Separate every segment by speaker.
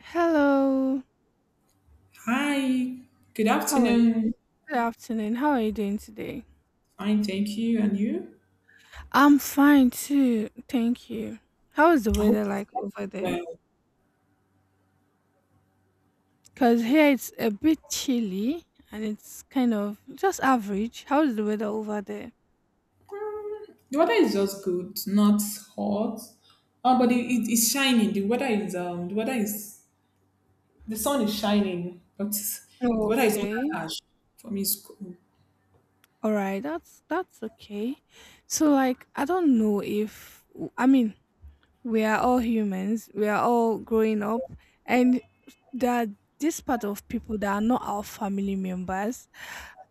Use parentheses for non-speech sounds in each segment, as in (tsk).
Speaker 1: Hello.
Speaker 2: Hi, good
Speaker 1: How are you?
Speaker 2: afternoon.
Speaker 1: Good afternoon. How are you doing today?
Speaker 2: Fine, thank you. And you?
Speaker 1: I'm fine too. Thank you. How is the
Speaker 2: I hope
Speaker 1: weather
Speaker 2: you
Speaker 1: like
Speaker 2: slept
Speaker 1: over there?
Speaker 2: well.
Speaker 1: Because here it's a bit chilly and it's kind of just average. How is the weather over there?
Speaker 2: The weather is just good, not hot. Oh, but it's shining. The weather is the sun is shining, but the weather is not
Speaker 1: Okay.
Speaker 2: that harsh for me. It's cool.
Speaker 1: All right. That's okay. So like I don't know if I mean we are all humans, we are all growing up, and there are this part of people that are not our family members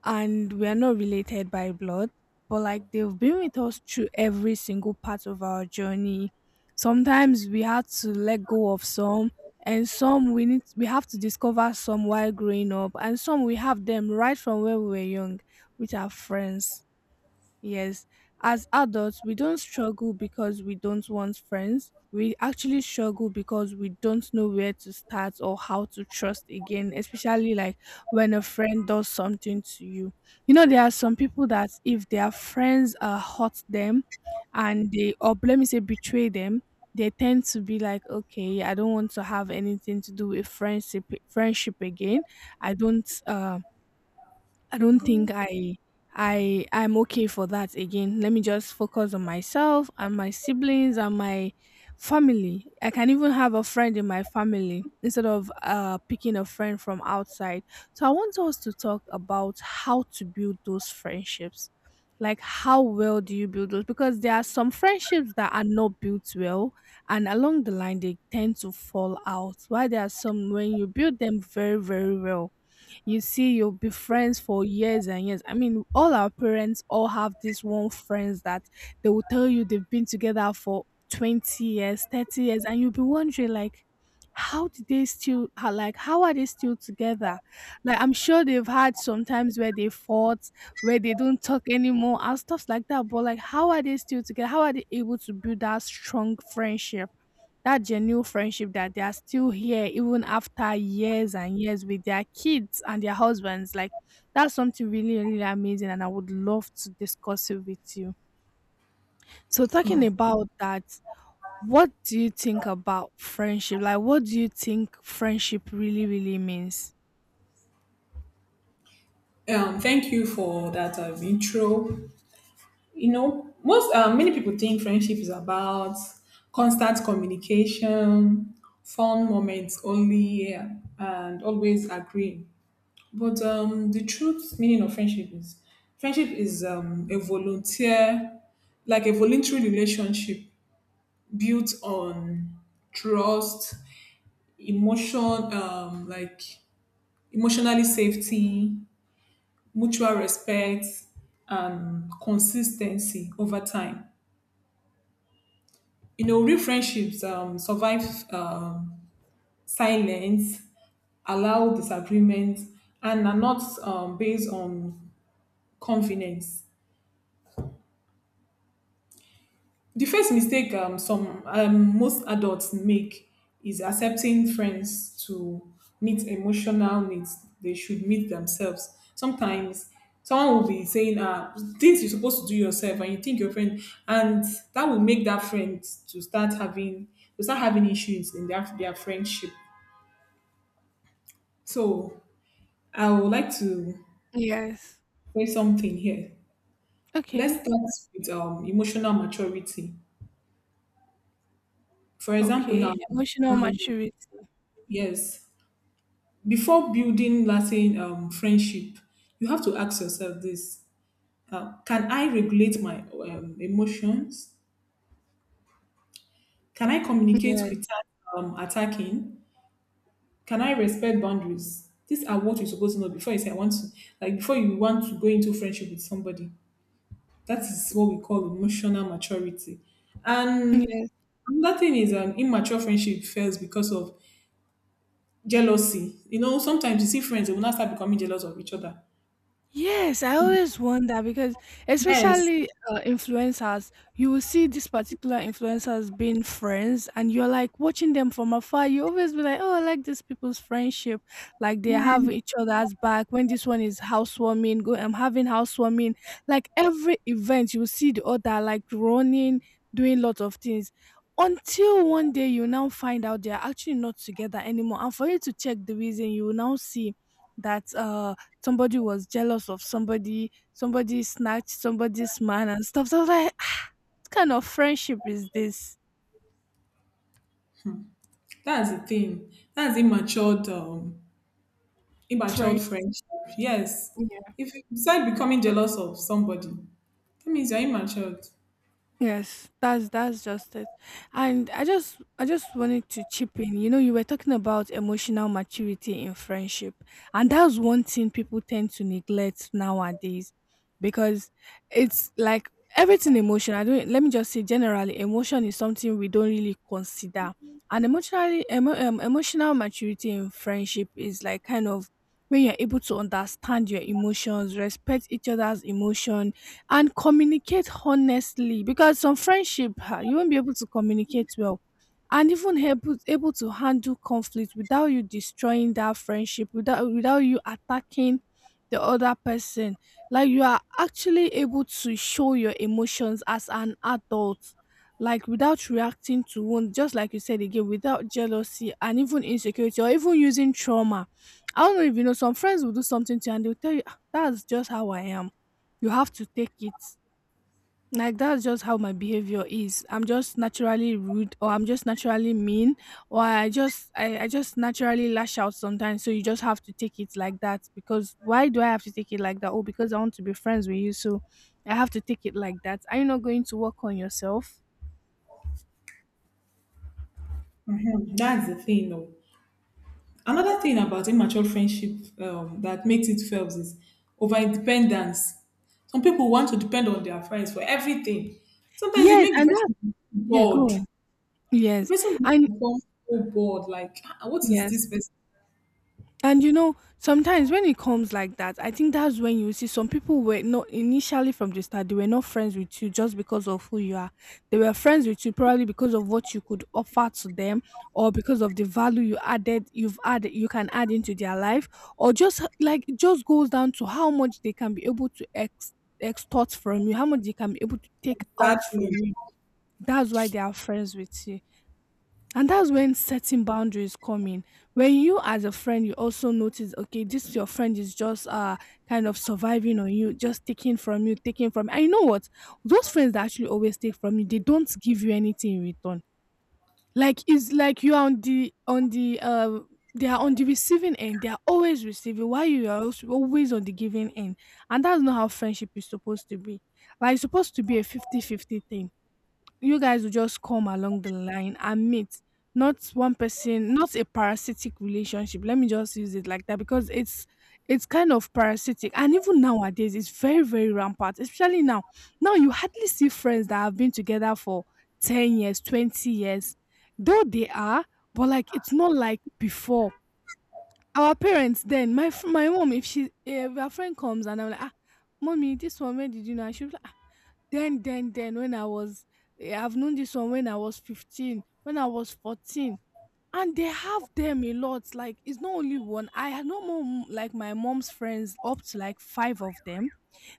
Speaker 1: and we are not related by blood, but like they've been with us through every single part of our journey. Sometimes we had to let go of some and some we have to discover some while growing up and some we have them right from when we were young with our friends. Yes, as adults, we don't struggle because we don't want friends. We actually struggle because we don't know where to start or how to trust again, especially like when a friend does something to you. You know, there are some people that if their friends hurt them and they, or let me say, betray them, they tend to be like, okay, I don't want to have anything to do with friendship again. I don't uh, I don't think I I'm okay for that again. Let me just focus on myself and my siblings and my family. I can even have a friend in my family instead of picking a friend from outside. So I want us to talk about how to build those friendships. Like how well do you build those? Because there are some friendships that are not built well and along the line they tend to fall out. Why there are some when you build them very, very well you see you'll be friends for years and years. I mean, all our parents all have this one friends that they will tell you they've been together for 20 years, 30 years, and you'll be wondering like how did they still how, like how are they still together. Like I'm sure they've had some times where they fought, where they don't talk anymore and stuff like that. But like how are they still together, how are they able to build that strong friendship, that genuine friendship, that they are still here even after years and years with their kids and their husbands? Like that's something really, really amazing, and I would love to discuss it with you. So talking
Speaker 2: Oh.
Speaker 1: about that, what do you think about friendship? Like what do you think friendship really, really means?
Speaker 2: Thank you for that intro. You know, most many people think friendship is about constant communication, fun moments only, yeah, and always agreeing, but the truth meaning of friendship is friendship is a volunteer, like a voluntary relationship built on trust, emotion um, like emotionally safety, mutual respect, and consistency over time. You know, real friendships survive um, silence, allow disagreement, and are not based on confidence. The first mistake some most adults make is accepting friends to meet emotional needs they should meet themselves. Sometimes someone will be saying things you're supposed to do yourself and you think your friend, and that will make that friend to start having issues in their friendship. So I would like to
Speaker 1: Yes.
Speaker 2: say something here. Let's
Speaker 1: Okay.
Speaker 2: start with emotional maturity. For example,
Speaker 1: Okay,
Speaker 2: now,
Speaker 1: emotional
Speaker 2: um,
Speaker 1: maturity.
Speaker 2: yes, before building lasting friendship, you have to ask yourself this: Can I regulate my emotions? Can I communicate
Speaker 1: Yes.
Speaker 2: without attacking? Can I respect boundaries? These are what you're supposed to know before you say, I want to, like, before you want to go into friendship with somebody. That is what we call emotional maturity. And
Speaker 1: Yes.
Speaker 2: another thing is, immature friendship fails because of jealousy. You know, sometimes you see friends, they will not start becoming jealous of each other.
Speaker 1: Yes, I always wonder because,
Speaker 2: Yes,
Speaker 1: especially influencers, you will see these particular influencers being friends, and you're like watching them from afar. You always be like, "Oh, I like these people's friendship. Like they have each other's back. When this one is housewarming, go, I'm having housewarming. Like every event, you will see the other like running, doing lots of things." Until one day you now find out they are actually not together anymore, and for you to check the reason, you will now see that somebody was jealous of somebody, somebody snatched somebody's man and stuff. So I was like, "Ah, what kind of friendship is this?
Speaker 2: that's the thing. That's immature, immature
Speaker 1: Friendship."
Speaker 2: friendship. Yes, if you start becoming jealous of somebody, that means you're immature.
Speaker 1: Yes, that's just it. And I just wanted to chip in. You know, you were talking about emotional maturity in friendship. And that's one thing people tend to neglect nowadays because it's like everything emotional. I don't Let me just say generally emotion is something we don't really consider. And emotional maturity in friendship is like kind of when you're able to understand your emotions, respect each other's emotion, and communicate honestly, because some friendship, ah, you won't be able to communicate well, and even able to handle conflict without you destroying that friendship, without you attacking the other person. Like you are actually able to show your emotions as an adult, like without reacting to wound, just like you said again, without jealousy and even insecurity or even using trauma. I don't know if you know, some friends will do something to you and they'll tell you, "Ah, that's just how I am, you have to take it. Like that's just how my behavior is. I'm just naturally rude, or I'm just naturally mean, or I just naturally lash out sometimes. So you just have to take it like that." Because why do I have to take it like that? Oh, because I want to be friends with you, so I have to take it like that. Are you not going to work on yourself?
Speaker 2: Mhm, that's the thing, though. Another thing about immature friendship that makes it fails is over independence. Some people want to depend on their friends for everything. Sometimes it
Speaker 1: Yes,
Speaker 2: makes
Speaker 1: and
Speaker 2: the
Speaker 1: that,
Speaker 2: person
Speaker 1: yeah, go
Speaker 2: bored.
Speaker 1: on.
Speaker 2: The
Speaker 1: Yes.
Speaker 2: person will
Speaker 1: And
Speaker 2: become so bored, like, "Ah, what is
Speaker 1: yes.
Speaker 2: this person?"
Speaker 1: And you know, sometimes when it comes like that, I think that's when you see some people were not initially from the start, they were not friends with you just because of who you are. They were friends with you probably because of what you could offer to them, or because of the value you've added, you can add into their life, or like it just goes down to how much they can be able to extort from you, how much they can be able to take out
Speaker 2: Exactly.
Speaker 1: from you. That's why they are friends with you. And that's when setting boundaries come in. When you, as a friend, you also notice, okay, this your friend is just kind of surviving on you, just taking from you, taking from. And you know what? Those friends that actually always take from you, they don't give you anything in return. Like it's like you are on the receiving end. They are always receiving while you are also always on the giving end. And that's not how friendship is supposed to be. Like it's supposed to be a 50-50 thing. You guys will just come along the line and meet, not one person, not a parasitic relationship. Let me just use it like that, because it's kind of parasitic, and even nowadays it's very, very rampant. Especially now, now you hardly see friends that have been together for 10 years, 20 years, though they are, but like it's not like before. Our parents then, my my mom, if she, if her friend comes and I'm like, ah, mommy, this one, where did you know? And she'll be like, "Ah, then, when I was, eh, I've known this one when I was 15, when I was 14," and they have them a lot. Like, it's not only one. I had no more, mm, like, my mom's friends, up to like five of them,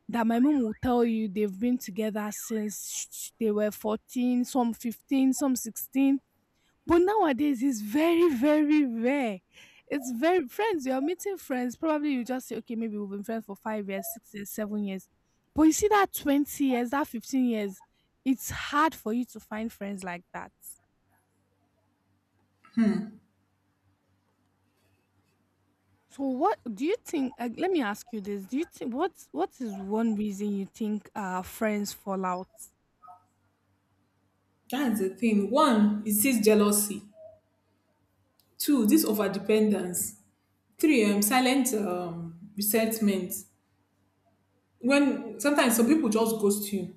Speaker 1: that my mom will tell you they've been together since they were 14, some 15, some 16. But nowadays, it's very, very rare. It's very friends. You're meeting friends. Probably you just say, okay, maybe we've been friends for 5 years, 6 years, 7 years. But you see that 20 years, that 15 years, it's hard for you to find friends like that. So what do you think? Let me ask you this: do you think what is one reason you think friends fall out?
Speaker 2: That's the thing. One, it sees jealousy. Two, this overdependence. Three, silent resentment. When sometimes some people just ghost you.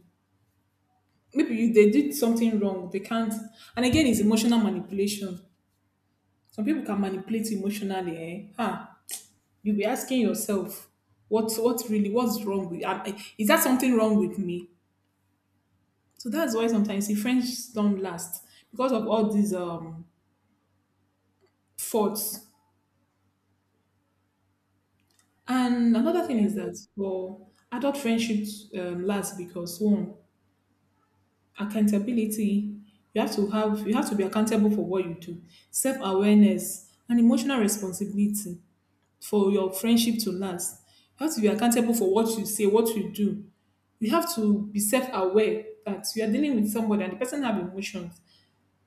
Speaker 2: Maybe you, they did something wrong. They can't. And again, it's emotional manipulation. Some people can manipulate you emotionally. Eh? Huh? You'll be asking yourself, what's wrong with? Is that something wrong with me? So that's why sometimes the friends don't last because of all these faults. And another thing is that for adult friendships last because one, accountability. You have to be accountable for what you do, self awareness, and emotional responsibility for your friendship to last. You have to be accountable for what you say, what you do. You have to be self aware that you are dealing with somebody and the person have emotions.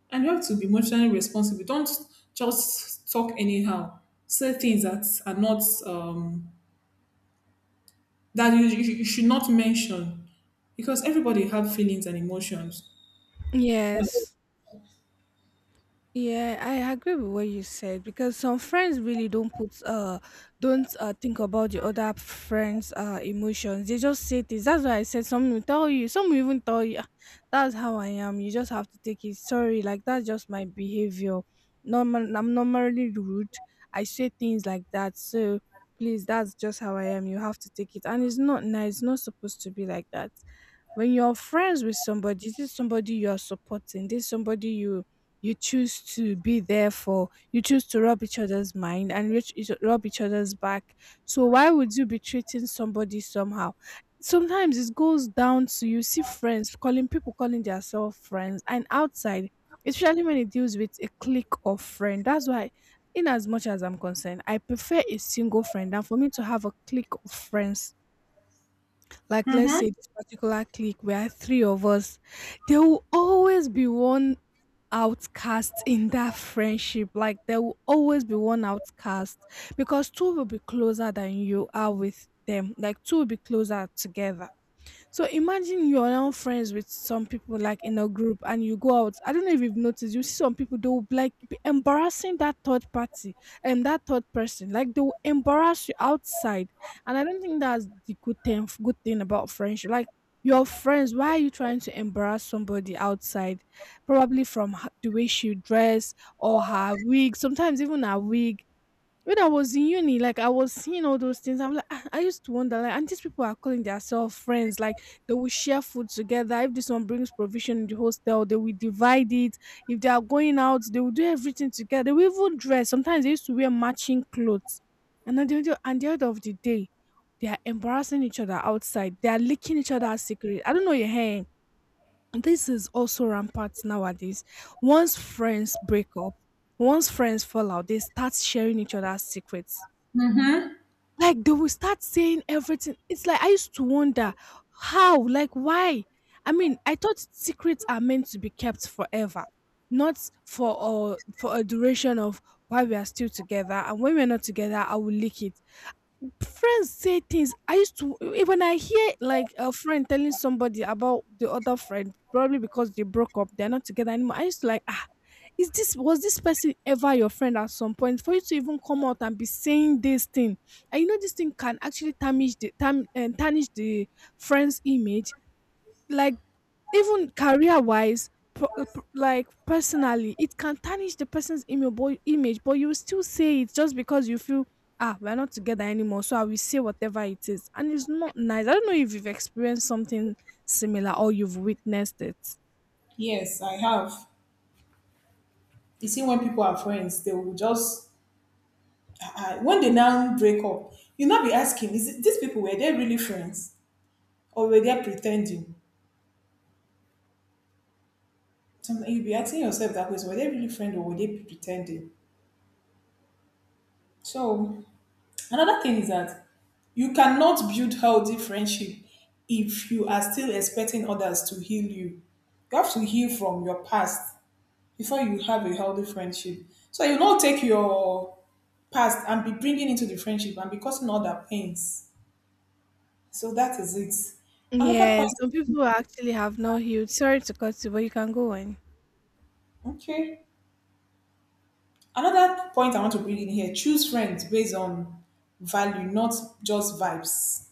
Speaker 2: And you have to be emotionally responsible. Don't just talk anyhow. Say things that are not that you should not mention, because everybody have feelings and emotions.
Speaker 1: Yeah. Yes. Yeah, I agree with what you said because some friends really don't put don't think about the other friends' emotions. They just say things. That's why I said some will tell you, some will even tell you, "Ah, that's how I am. You just have to take it. Sorry, like that's just my behavior. Normal, I'm normally rude. I say things like that. So please, that's just how I am. You have to take it," and it's not nice. It's not supposed to be like that. When you're friends with somebody, this is somebody you are supporting. This is somebody you choose to be there for, you choose to rub each other's mind and rub each other's back. So why would you be treating somebody somehow? Sometimes it goes down to you see friends calling people calling themselves friends and outside, especially when it deals with a clique of friend. That's why, in as much as I'm concerned, I prefer a single friend than for me to have a clique of friends. Like let's say this particular clique where three of us, there will always be one outcast in that friendship. Like there will always be one outcast, because two will be closer than you are with them. Like two will be closer together. So imagine you're now friends with some people like in a group and you go out. I don't know if you've noticed, you see some people they will like be embarrassing that third party and that third person. Like they will embarrass you outside. And I don't think that's the good thing about friendship. Like your friends, why are you trying to embarrass somebody outside? Probably from the way she dress or her wig, sometimes even her wig when I was in uni, like I was seeing all those things. I'm like, I used to wonder, like, and these people are calling themselves friends. Like they will share food together. If this one brings provision in the hostel, they will divide it. If they are going out, they will do everything together. They will even dress. Sometimes they used to wear matching clothes. And the end of the day, they are embarrassing each other outside. They are licking each other's secret. I don't know your hair. This is also rampant nowadays. Once friends break up, once friends fall out, they start sharing each other's secrets.
Speaker 2: Mm-hmm.
Speaker 1: Like they will start saying everything. It's like I used to wonder how, like why? I mean, I thought secrets are meant to be kept forever, not for for a duration of while we are still together. And when we're not together, I will leak it. Friends say things. I used to when I hear like a friend telling somebody about the other friend, probably because they broke up, they're not together anymore. I used to like, ah, is this was this person ever your friend at some point? For you to even come out and be saying this thing, and you know this thing can actually tarnish the friend's image. Like even career wise, like personally it can tarnish the person's email boy image, but you will still say it just because you feel, ah, we're not together anymore, so I will say whatever it is. And it's not nice. I don't know if you've experienced something similar or you've witnessed it.
Speaker 2: Yes, I have. You see, when people are friends, they will just when they now break up, you will not be asking, is it, these people, were they really friends or were they pretending? Sometimes you'll be asking yourself that question: Were they really friends or were they pretending? So another thing is that you cannot build healthy friendship if you are still expecting others to heal you. You have to heal from your past before you have a healthy friendship. So you do not take your past and be bringing into the friendship and be causing other pains. So that is it. Another
Speaker 1: Yeah, some
Speaker 2: point,
Speaker 1: people actually have no huge, sorry to cut you, but you can go on.
Speaker 2: okay. Another point I want to bring in here: choose friends based on value, not just vibes.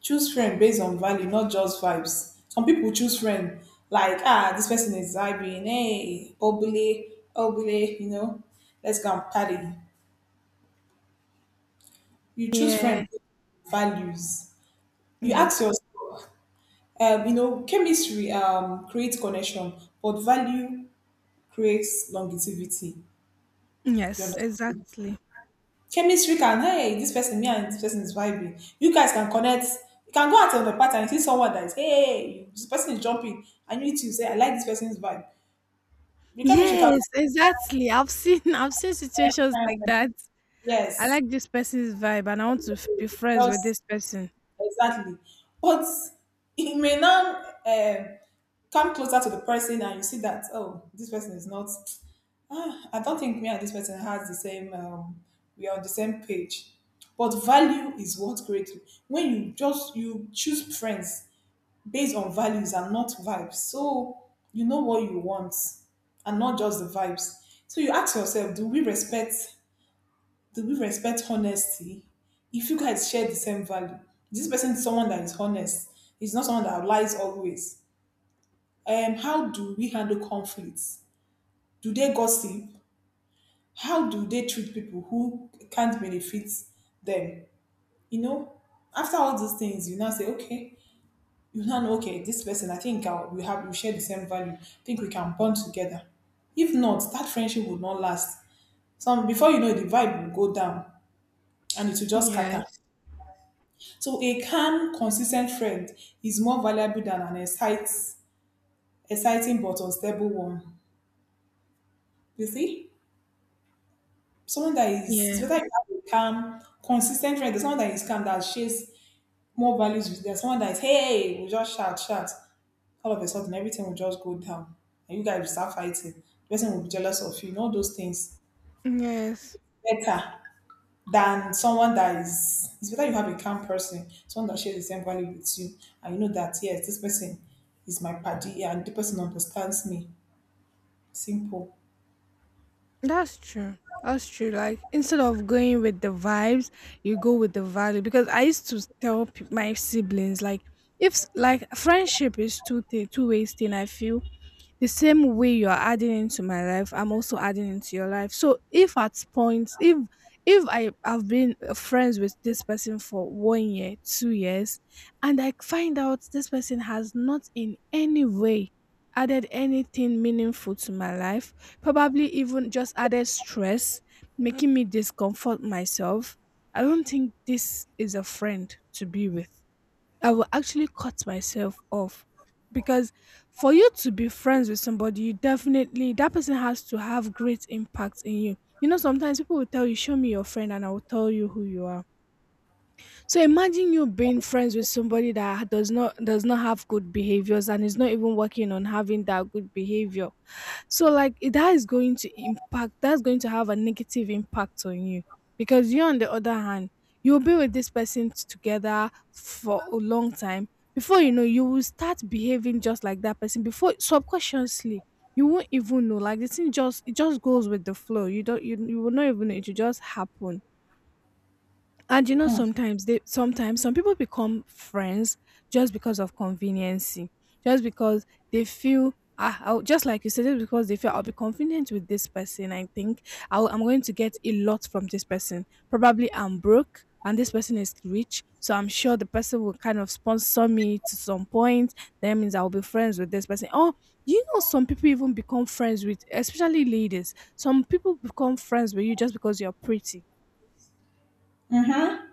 Speaker 2: Choose friend based on value, not just vibes. Some people choose friend like, ah, this person is vibing, hey, obele, obele, you know, let's go and party. You choose friend
Speaker 1: Yeah,
Speaker 2: based on values. You ask
Speaker 1: yes,
Speaker 2: yourself, you know, chemistry creates connection, but value creates longevity. You
Speaker 1: yes,
Speaker 2: understand?
Speaker 1: exactly.
Speaker 2: Chemistry can, hey, this person is vibing, you guys can connect. You can go out on the party and see someone that is, hey, this person is jumping, and you too say, I like this person's vibe. The chemistry can,
Speaker 1: Yes, exactly, I've seen (laughs) I've seen situations like that. I
Speaker 2: yes,
Speaker 1: like this person's vibe and I want to be friends with
Speaker 2: just
Speaker 1: this person.
Speaker 2: exactly, but it may now come closer to the person and you see that, oh, this person is not, ah, I don't think me and this person has the same we are on the same page, but value is what greatly. When you choose friends based on values and not vibes. So you know what you want and not just the vibes. So you ask yourself, do we respect honesty? If you guys share the same value, this person is someone that is honest. It's not someone that lies always. How do we handle conflicts? Do they gossip? How do they treat people who can't benefit them? You know, after all these things, you now say, okay, you now know, okay, this person, I think, we share the same value, I think we can bond together. If not, that friendship would not last. Some, before you know it, the vibe will go down and it will just scatter.
Speaker 1: Yes.
Speaker 2: So a calm consistent friend is more valuable than an exciting but unstable one. You see, someone that is, it's
Speaker 1: Yeah.
Speaker 2: better you have a calm consistent friend, there's someone that is calm that shares more values with you, there's someone that is hey, we just shout all of a sudden, everything will just go down and you guys will start fighting. The person will be jealous of you, you know, all those things.
Speaker 1: Yes.
Speaker 2: Better than someone that is, it's better you have a calm person, someone that shares the same value with you, and you know that yes, this person is my party and the person understands me. Simple.
Speaker 1: That's true. That's true. Like instead of going with the vibes, you go with the value. Because I used to tell my siblings, like if like friendship is two ways thing. I feel the same way you are adding into my life, I'm also adding into your life. So if at points, if I have been friends with this person for 1 year, 2 years, and I find out this person has not in any way added anything meaningful to my life, probably even just added stress, making me discomfort myself, I don't think this is a friend to be with. I will actually cut myself off because for you to be friends with somebody, you definitely, that person has to have great impact in you. You know, sometimes people will tell you, "Show me your friend," and I will tell you who you are. So imagine you being friends with somebody that does not have good behaviors and is not even working on having that good behavior. So like that is going to impact that's going to have a negative impact on you, because you on the other hand, you'll be with this person together for a long time before you know you will start behaving just like that person. Before subconsciously you won't even know, like the thing just, it just goes with the flow. You don't you, you will not even know, it will just happen. And you know, sometimes they sometimes some people become friends just because of conveniency, just because they feel, ah, just like you said, just because they feel I'll be convenient with this person. I think I'm going to get a lot from this person. Probably I'm broke and this person is rich, so I'm sure the person will kind of sponsor me to some point. That means I'll be friends with this person. Oh, you know, some people even become friends with, especially ladies. Some people become friends with you just because you're pretty,
Speaker 2: Mm-hmm.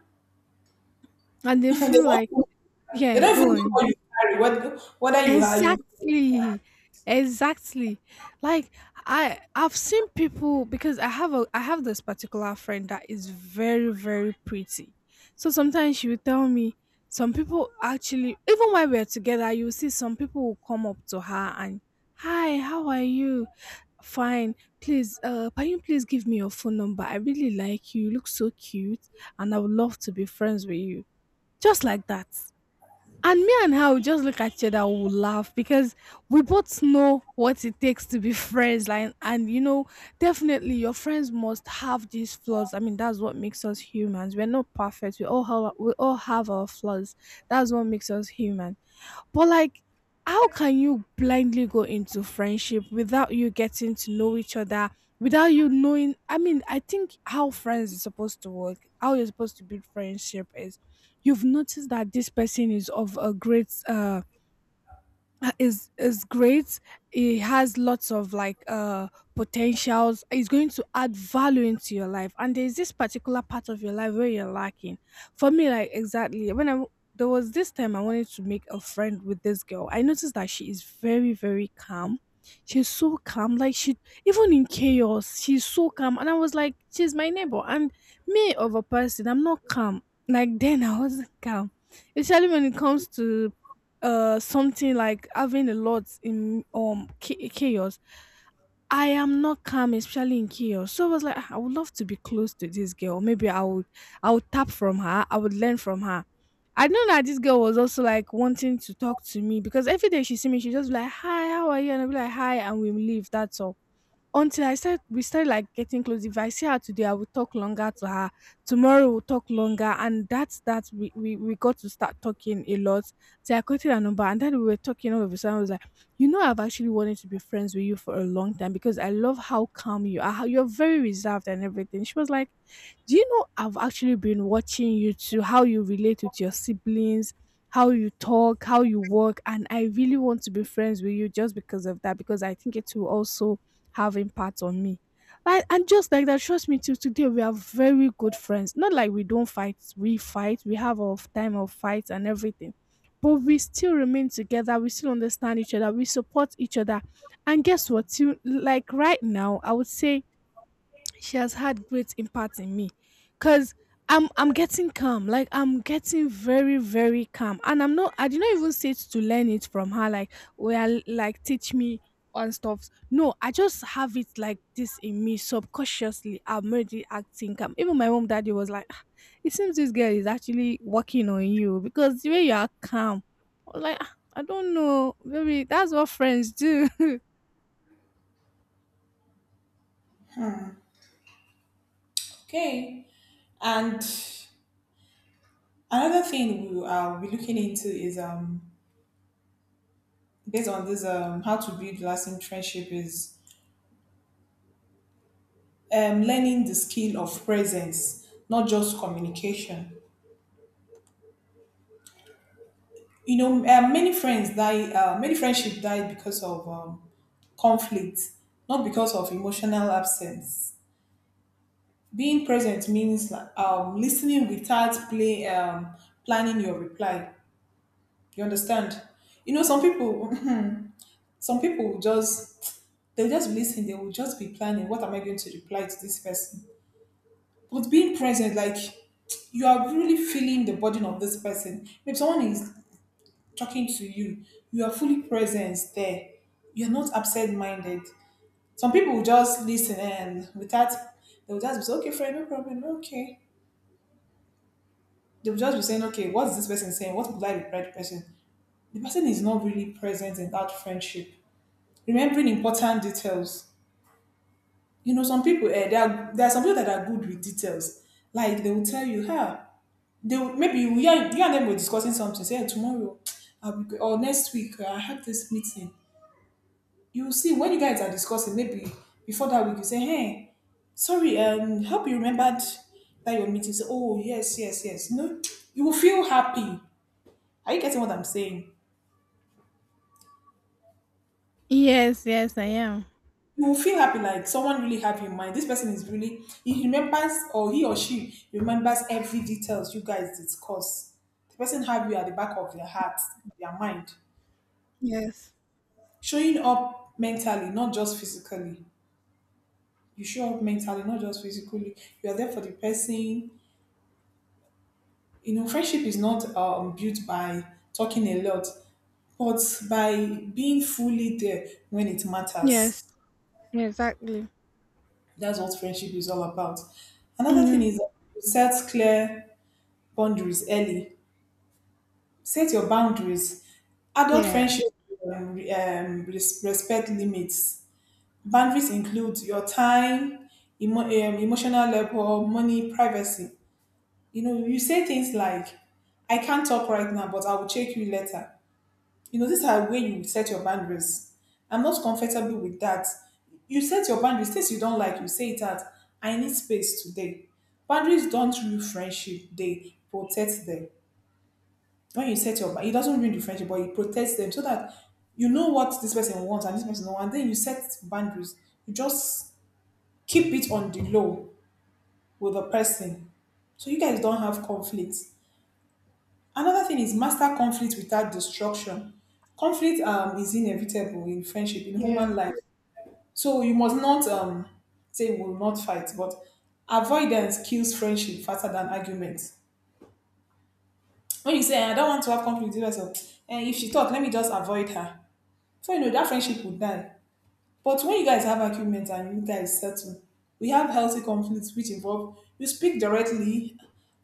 Speaker 1: and
Speaker 2: (laughs)
Speaker 1: they
Speaker 2: they,
Speaker 1: feel like,
Speaker 2: don't, they
Speaker 1: yeah,
Speaker 2: don't even
Speaker 1: go
Speaker 2: know
Speaker 1: on.
Speaker 2: what you carry, what, whether you are you.
Speaker 1: Exactly. Exactly. Like I've seen people because I have this particular friend that is very, very pretty. So sometimes she will tell me some people actually even while we're together, you'll see some people will come up to her and hi, how are you? Fine. Please, can you please give me your phone number? I really like you. You look so cute and I would love to be friends with you. Just like that, and me and her will just look at each other, we'll laugh because we both know what it takes to be (laughs) friends. Like, and you know, definitely your friends must have these flaws. I mean, that's what makes us humans. We're not perfect. We all have our flaws. That's what makes us human. But like, how can you blindly go into friendship without you getting to know each other, without you knowing? I mean, I think how friends is supposed to work, how you're supposed to build friendship is you've noticed that this person is of a great is great. It has lots of like potentials. It's going to add value into your life, and there's this particular part of your life where you're lacking. For me, like exactly when there was this time I wanted to make a friend with this girl. I noticed that she is very, very calm. She's so calm, like she, even in chaos, she's so calm. And I was like, she's my neighbor, and me of a person, I'm not calm. Like (laughs) then I wasn't calm, especially when it comes to something like having a lot in chaos. I am not calm, especially in chaos. So I was like, "Ah, I would love to be close to this girl. Maybe I would tap from her, I would learn from her. I know that this girl was also like wanting to talk to me, because every day she see me she just be like hi how are you, and I'll be like hi and we leave, that's all. Until I said we started like getting close. If I see her today, I will talk longer to her. Tomorrow we'll talk longer, and that's that. We got to start talking a lot. So I quoted her number, and then we were talking. All of a sudden I was like, you know, I've actually wanted to be friends with you for a long time because I love how calm you are, how you're very reserved and everything. She was like, do you know I've actually been watching you too, how you relate with your siblings, how you talk, how you work, and I really want to be friends with you just because of that, because I think it will also have impact on me. Like, and just like that, trust me, till today we are very good friends. Not like we don't fight, we have our time of fights and everything. But we still remain together, we still understand each other, we support each other. And guess what? Till, like right now, I would say she has had great impact in me, because I'm getting calm. Like I'm getting very, very calm. And I did not even sit to learn it from her, like well like teach me on stuff. No, I just have it like this in me subconsciously. I'm already acting calm. Even my mom daddy was like, "Ah, it seems this girl is actually working on you, because the way you are calm. I was like, "Ah, I don't know. Maybe that's what friends do." (laughs)
Speaker 2: Okay. And another thing we will be looking into is, based on this, how to build lasting friendship is, learning the skill of presence, not just communication. You know, many friends die. Many friendship die because of conflict, not because of emotional absence. Being present means, like, listening without planning your reply. You understand? You know, some people, (laughs) some people will just, they'll just be listening. They will just be planning. What am I going to reply to this person? With being present, like, you are really feeling the burden of this person. If someone is talking to you, you are fully present there. You're not upset minded. Some people will just listen, and without, they will just be saying, okay, friend, no problem, okay. They will just be saying, okay, what's this person saying? What would I reply the person? The person is not really present in that friendship. Remembering important details. You know, some people, eh, there are some people that are good with details. Like they will tell you, huh, they would- maybe you and them were discussing something. Say, "Eh, tomorrow, I'll be, or next week, I have this meeting." You will see, when you guys are discussing, maybe before that week, you say, "Hey, sorry, hope you remembered that your meeting." Say, "Oh, yes, yes, yes." You know, you will feel happy. Are you getting what I'm saying?
Speaker 1: Yes, yes, I am.
Speaker 2: You will feel happy, like someone really have your mind. This person is really, he remembers, or he or she remembers every details you guys discuss. The person have you at the back of their heart, their mind.
Speaker 1: Yes.
Speaker 2: Showing up mentally, not just physically. You show up mentally, not just physically. You are there for the person. You know, friendship is not built by talking a lot, but by being fully there when it
Speaker 1: Yes.
Speaker 2: matters.
Speaker 1: Yeah, exactly.
Speaker 2: That's what friendship is all about. Another thing
Speaker 1: Yeah.
Speaker 2: is to set clear boundaries early. Set your boundaries. Adult
Speaker 1: Yeah.
Speaker 2: friendship, respect limits. Boundaries include your time, emo- um, emotional level, money, privacy. You know, you say things like, I can't talk right now, but I will check you later. You know, these are where you set your boundaries. I'm not comfortable with that. You set your boundaries. Things you don't like, you say it out. I need space today. Boundaries don't ruin friendship, they protect them. When you set your bound-, it doesn't ruin the friendship, but it protects them so that you know what this person wants and this person wants. And then you set boundaries. You just keep it on the low with the person so you guys don't have conflict. Another thing is master conflict without destruction. Conflict is inevitable in friendship, in
Speaker 1: Yeah.
Speaker 2: human life, so you must not say we will not fight, but avoidance kills friendship faster than arguments. When you say "Eh, I don't want to have conflict with her, and if she talk let me just avoid her," so you know that friendship will die. But when you guys have arguments and you guys settle, we have healthy conflicts which involve you speak directly.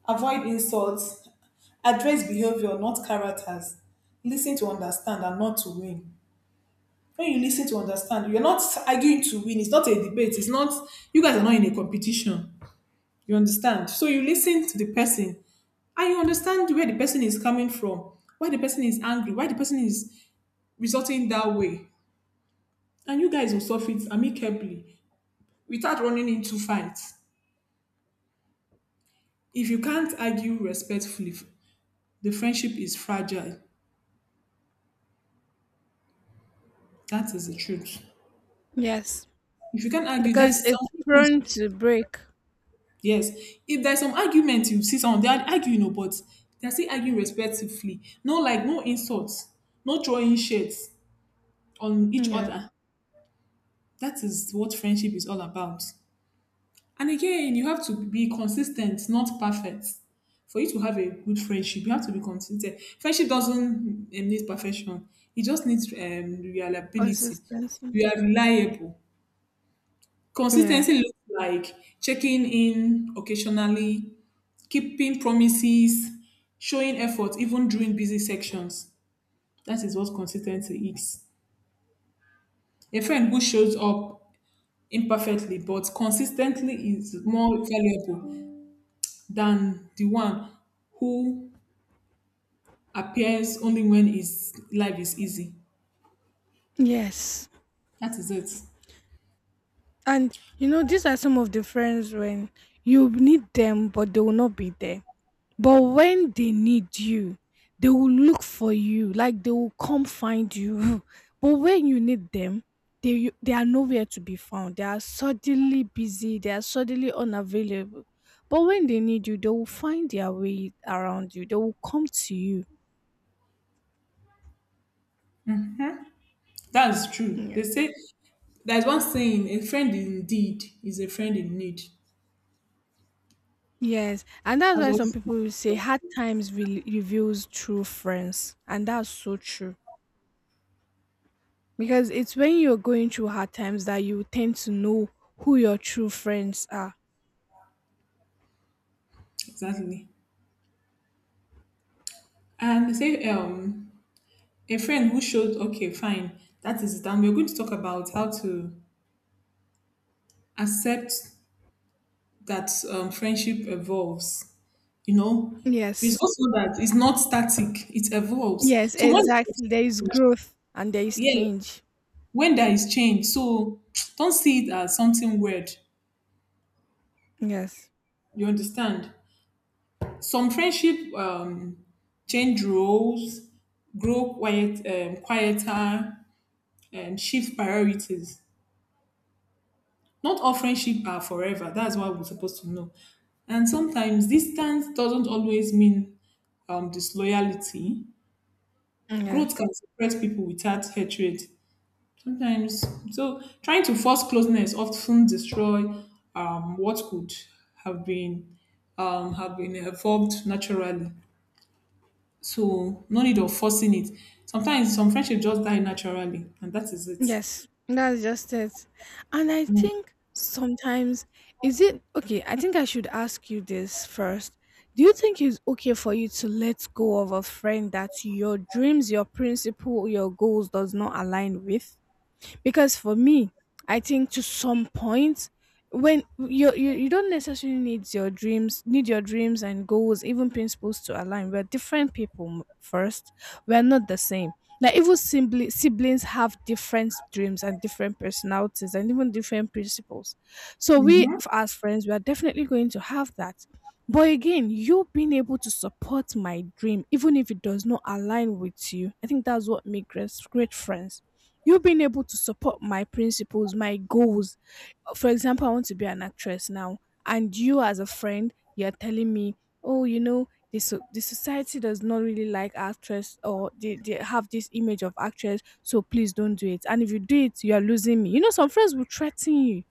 Speaker 2: Avoid insults. Address behavior, not characters. Listen to understand and not to win. When you listen to understand, you're not arguing to win. It's not a debate. It's not, You guys are not in a competition. You understand? So you listen to the person and you understand where the person is coming from, why the person is angry, why the person is resulting that way. And you guys will solve it amicably without running into fights. If you can't argue respectfully, the friendship is fragile. That is the truth.
Speaker 1: Yes.
Speaker 2: If you can argue,
Speaker 1: Because it's prone to break.
Speaker 2: yes. If there's some argument, you see some they are arguing, no, but they're still arguing respectfully. No, like no insults, no throwing shades on each
Speaker 1: Yeah.
Speaker 2: other. That is what friendship is all about. And again, you have to be consistent, not perfect. For you to have a good friendship, you have to be consistent. Friendship doesn't need perfection. It just needs reliability.
Speaker 1: Consistency.
Speaker 2: You are reliable.
Speaker 1: Yeah.
Speaker 2: Consistency looks like checking in occasionally, keeping promises, showing effort even during busy sections. That is what consistency is. A friend who shows up imperfectly but consistently is more valuable than the one who appears only when his life is easy.
Speaker 1: Yes.
Speaker 2: That is it.
Speaker 1: And you know, these are some of the friends when you need them but they will not be there. But when they need you, they will look for you, like they will come find you. (laughs) But when you need them, they they are nowhere to be found. They are suddenly busy. They are suddenly unavailable. But when they need you, they will find their way around you. They will come to you.
Speaker 2: That's true. They
Speaker 1: Yeah.
Speaker 2: say there's one saying, a friend indeed is a friend in need.
Speaker 1: Yes, and that's
Speaker 2: That's
Speaker 1: why
Speaker 2: what
Speaker 1: some people will say hard times reveals true friends, and that's so true. Because it's when you're going through hard times that you tend to know who your true friends are.
Speaker 2: exactly. And they say a friend who showed, okay fine, that is it, and we're going to talk about how to accept that friendship evolves, you know, it's
Speaker 1: Yes.
Speaker 2: also that it's not static, it evolves
Speaker 1: Yes,
Speaker 2: so when,
Speaker 1: exactly. There is growth and there is
Speaker 2: yeah,
Speaker 1: change.
Speaker 2: when there is change, so (tsk) don't see it as something weird,
Speaker 1: Yes.
Speaker 2: you understand. Some friendship change roles, grow quiet, quieter, and shift priorities. Not all friendship are forever. That's what we're supposed to know. And sometimes distance doesn't always mean disloyalty. Growth
Speaker 1: Yes.
Speaker 2: can separate people without hatred. Sometimes, so trying to force closeness often destroy what could have been have been evolved naturally. So no need of forcing it. Sometimes some friendship just die naturally, and that is it.
Speaker 1: Yes. That's just it. And I think sometimes, is it okay, I think I should ask you this first. Do you think it's okay for you to let go of a friend that your dreams, your principle, your goals does not align with? Because for me, I think to some point, when you don't necessarily need your dreams and goals, even principles, to align. We're different people, first we're not the same. Like even siblings have different dreams and different personalities and even different principles. So we
Speaker 2: Mm-hmm.
Speaker 1: as friends we are definitely going to have that. But again, you being able to support my dream even if it does not align with you, I think that's what makes great friends. You being able to support my principles, my goals. For example, I want to be an actress now, and you as a friend, you're telling me, oh, you know, the society does not really like actress, or they have this image of actress, so please don't do it. And if you do it, you are losing me. You know, some friends will threaten you.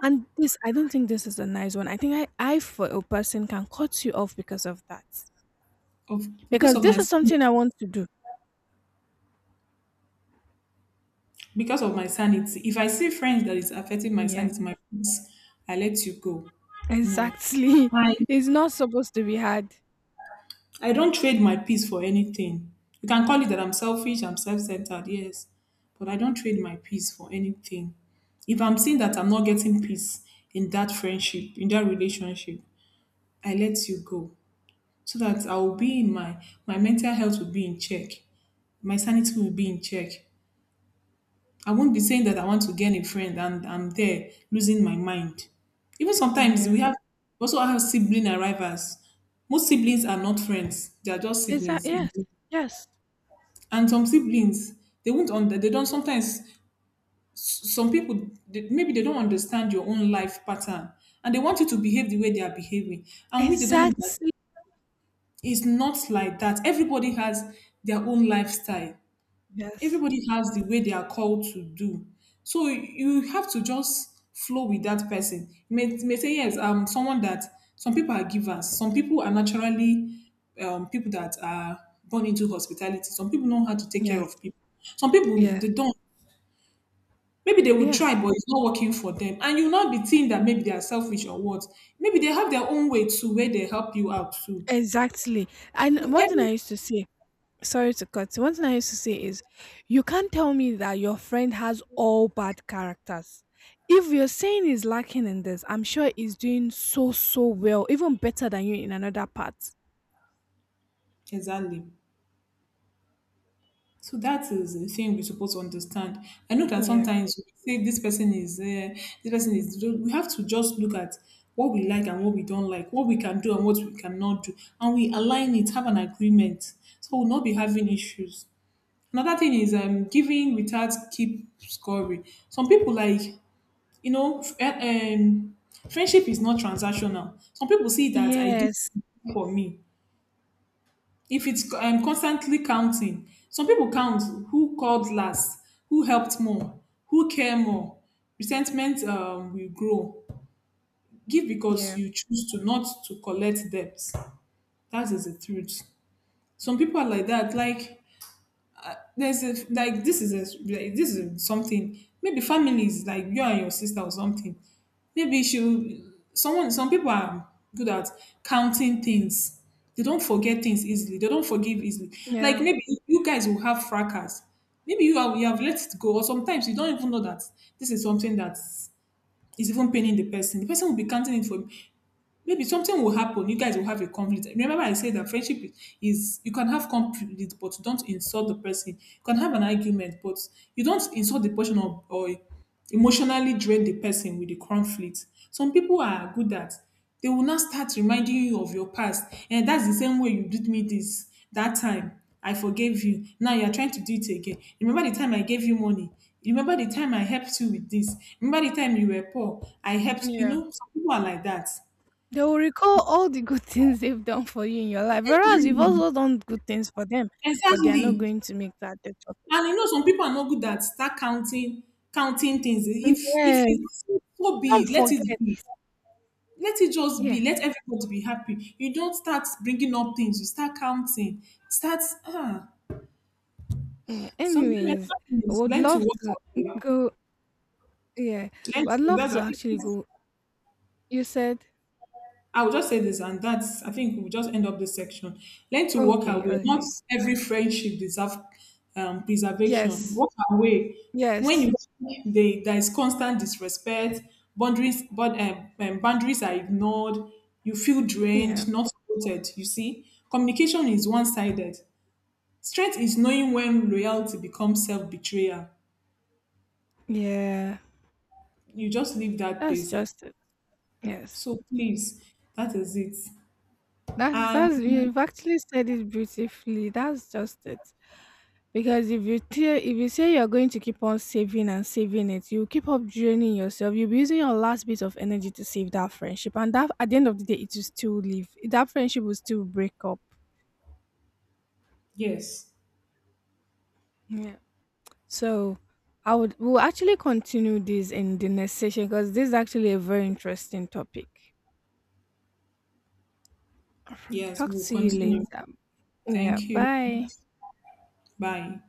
Speaker 1: And this, I don't think this is a nice one. I think I for a person, can cut you off because of that.
Speaker 2: Of
Speaker 1: Because this is something I want to do.
Speaker 2: because of my sanity. If I see friends that is affecting my
Speaker 1: Yeah,
Speaker 2: sanity, my peace, I let you go. No,
Speaker 1: exactly. (laughs) It's not supposed to be hard.
Speaker 2: I don't trade my peace for anything. You can call it that I'm selfish, I'm self centered, yes, but I don't trade my peace for anything. If I'm seeing that I'm not getting peace in that friendship, in that relationship, I let you go so that I will be in my, my mental health will be in check, my sanity will be in check. I won't be saying that I want to gain a friend and I'm there losing my mind. Even sometimes we
Speaker 1: Yeah.
Speaker 2: have, we also have sibling arrivals. Most siblings are not friends; they are just
Speaker 1: Exact
Speaker 2: siblings.
Speaker 1: yes. Yes.
Speaker 2: And some siblings, they won't under they don't sometimes, some people they, maybe they don't understand your own life pattern, and they want you to behave the way they are behaving, and we they don't know that
Speaker 1: Exactly.
Speaker 2: it's not like that. Everybody has their own lifestyle.
Speaker 1: Yes.
Speaker 2: Everybody has the way they are called to do. So you have to just flow with that person. You may say, yes, someone that, some people are givers, some people are naturally people that are born into hospitality, some people know how to take care
Speaker 1: Yes.
Speaker 2: of people, some people
Speaker 1: Yeah.
Speaker 2: they don't. Maybe they will
Speaker 1: Yeah.
Speaker 2: try, but it's not working for them. And you'll not be thinking that maybe they are selfish or what. Maybe they have their own way too, where they help you out too.
Speaker 1: Exactly. And
Speaker 2: So
Speaker 1: one thing
Speaker 2: every,
Speaker 1: I used to say, sorry to cut, one thing I used to say is you can't tell me that your friend has all bad characters. If you're saying he's lacking in this, I'm sure he's doing so so well, even better than you in another part.
Speaker 2: exactly. So that is the thing we're supposed to understand. I know that
Speaker 1: Yeah.
Speaker 2: sometimes we say this person is, this person is. We have to just look at what we like and what we don't like, what we can do and what we cannot do, and we align it, have an agreement, so we'll not be having issues. Another thing is giving without keep scoring. Some people like, you know, friendship is not transactional. Some people see that I do
Speaker 1: Yes.
Speaker 2: for me. If it's constantly counting, some pipo count who called last, who helped more, who care more, resentment will grow. Give because
Speaker 1: Yeah.
Speaker 2: you choose to not to collect debt. That is the truth. Some people are like that. Like, this is a like, this is something maybe families like you and your sister or something. Maybe she Someone, some people are good at counting things. They don't forget things easily, they don't forgive easily. Like,
Speaker 1: Yeah.
Speaker 2: maybe you guys will have fracas, maybe you have let it go, or sometimes you don't even know that this is something that is even paining the person, the person will be counting it for you. Maybe something will happen, you guys will have a conflict. Remember I said that friendship is you can have conflict but don't insult the person, you can have an argument but you don't insult the person, or emotionally drain the person with the conflict. Some people are good at, they will not start reminding you of your past, and that's the same way you did me this, that time I forgave you, now you're trying to do it again. Remember the time I gave you money, remember the time I helped you with this, remember the time you were poor I helped, you
Speaker 1: Yeah.
Speaker 2: know, some people are like that.
Speaker 1: They will recall all the good (laughs) things they've done for you in your life, whereas you've also
Speaker 2: (laughs)
Speaker 1: done good things for them, but they are not
Speaker 2: Exactly, exactly.
Speaker 1: going to make that the
Speaker 2: And you
Speaker 1: topic.
Speaker 2: know, some people are not good at start counting counting things. If
Speaker 1: Yes,
Speaker 2: it's so, be
Speaker 1: some
Speaker 2: it, let it
Speaker 1: forget.
Speaker 2: be. Let it just
Speaker 1: Yeah.
Speaker 2: be. Let everybody be happy. You don't start bringing up things. You start counting. Start, ah,
Speaker 1: Mm,
Speaker 2: something
Speaker 1: anyways, I
Speaker 2: happens.
Speaker 1: would
Speaker 2: Learn to
Speaker 1: love
Speaker 2: work
Speaker 1: to
Speaker 2: out.
Speaker 1: go. Yeah,
Speaker 2: To,
Speaker 1: I'd love
Speaker 2: that's I
Speaker 1: to
Speaker 2: think
Speaker 1: actually go. You said
Speaker 2: I will just say this, and that's, I think we'll just end up this section. Learn to walk
Speaker 1: okay,
Speaker 2: away. Not
Speaker 1: okay.
Speaker 2: every friendship deserves preservation.
Speaker 1: Yes,
Speaker 2: Walk away. When
Speaker 1: yes.
Speaker 2: you, there is constant disrespect, boundaries are ignored, you feel
Speaker 1: Yeah,
Speaker 2: drained, not supported. You see, communication is one sided. Strength is knowing when loyalty becomes self betrayal.
Speaker 1: yeah.
Speaker 2: You just leave that
Speaker 1: That's
Speaker 2: place.
Speaker 1: just it. Yes,
Speaker 2: So please, that is it. And
Speaker 1: that's, you've actually said it beautifully. That's just it. Because if you tell, if you say you're going to keep on saving and saving it, you keep up draining yourself. You'll be using your last bit of energy to save that friendship, and that at the end of the day, it will still leave. That friendship will still break up.
Speaker 2: yes,
Speaker 1: Yeah. So, I would we'll actually continue this in the next session because this is actually a very interesting topic. Alright.
Speaker 2: yes,
Speaker 1: Talk
Speaker 2: we'll
Speaker 1: to you
Speaker 2: continue.
Speaker 1: later. Yeah.
Speaker 2: Thank you.
Speaker 1: Bye.
Speaker 2: Bye.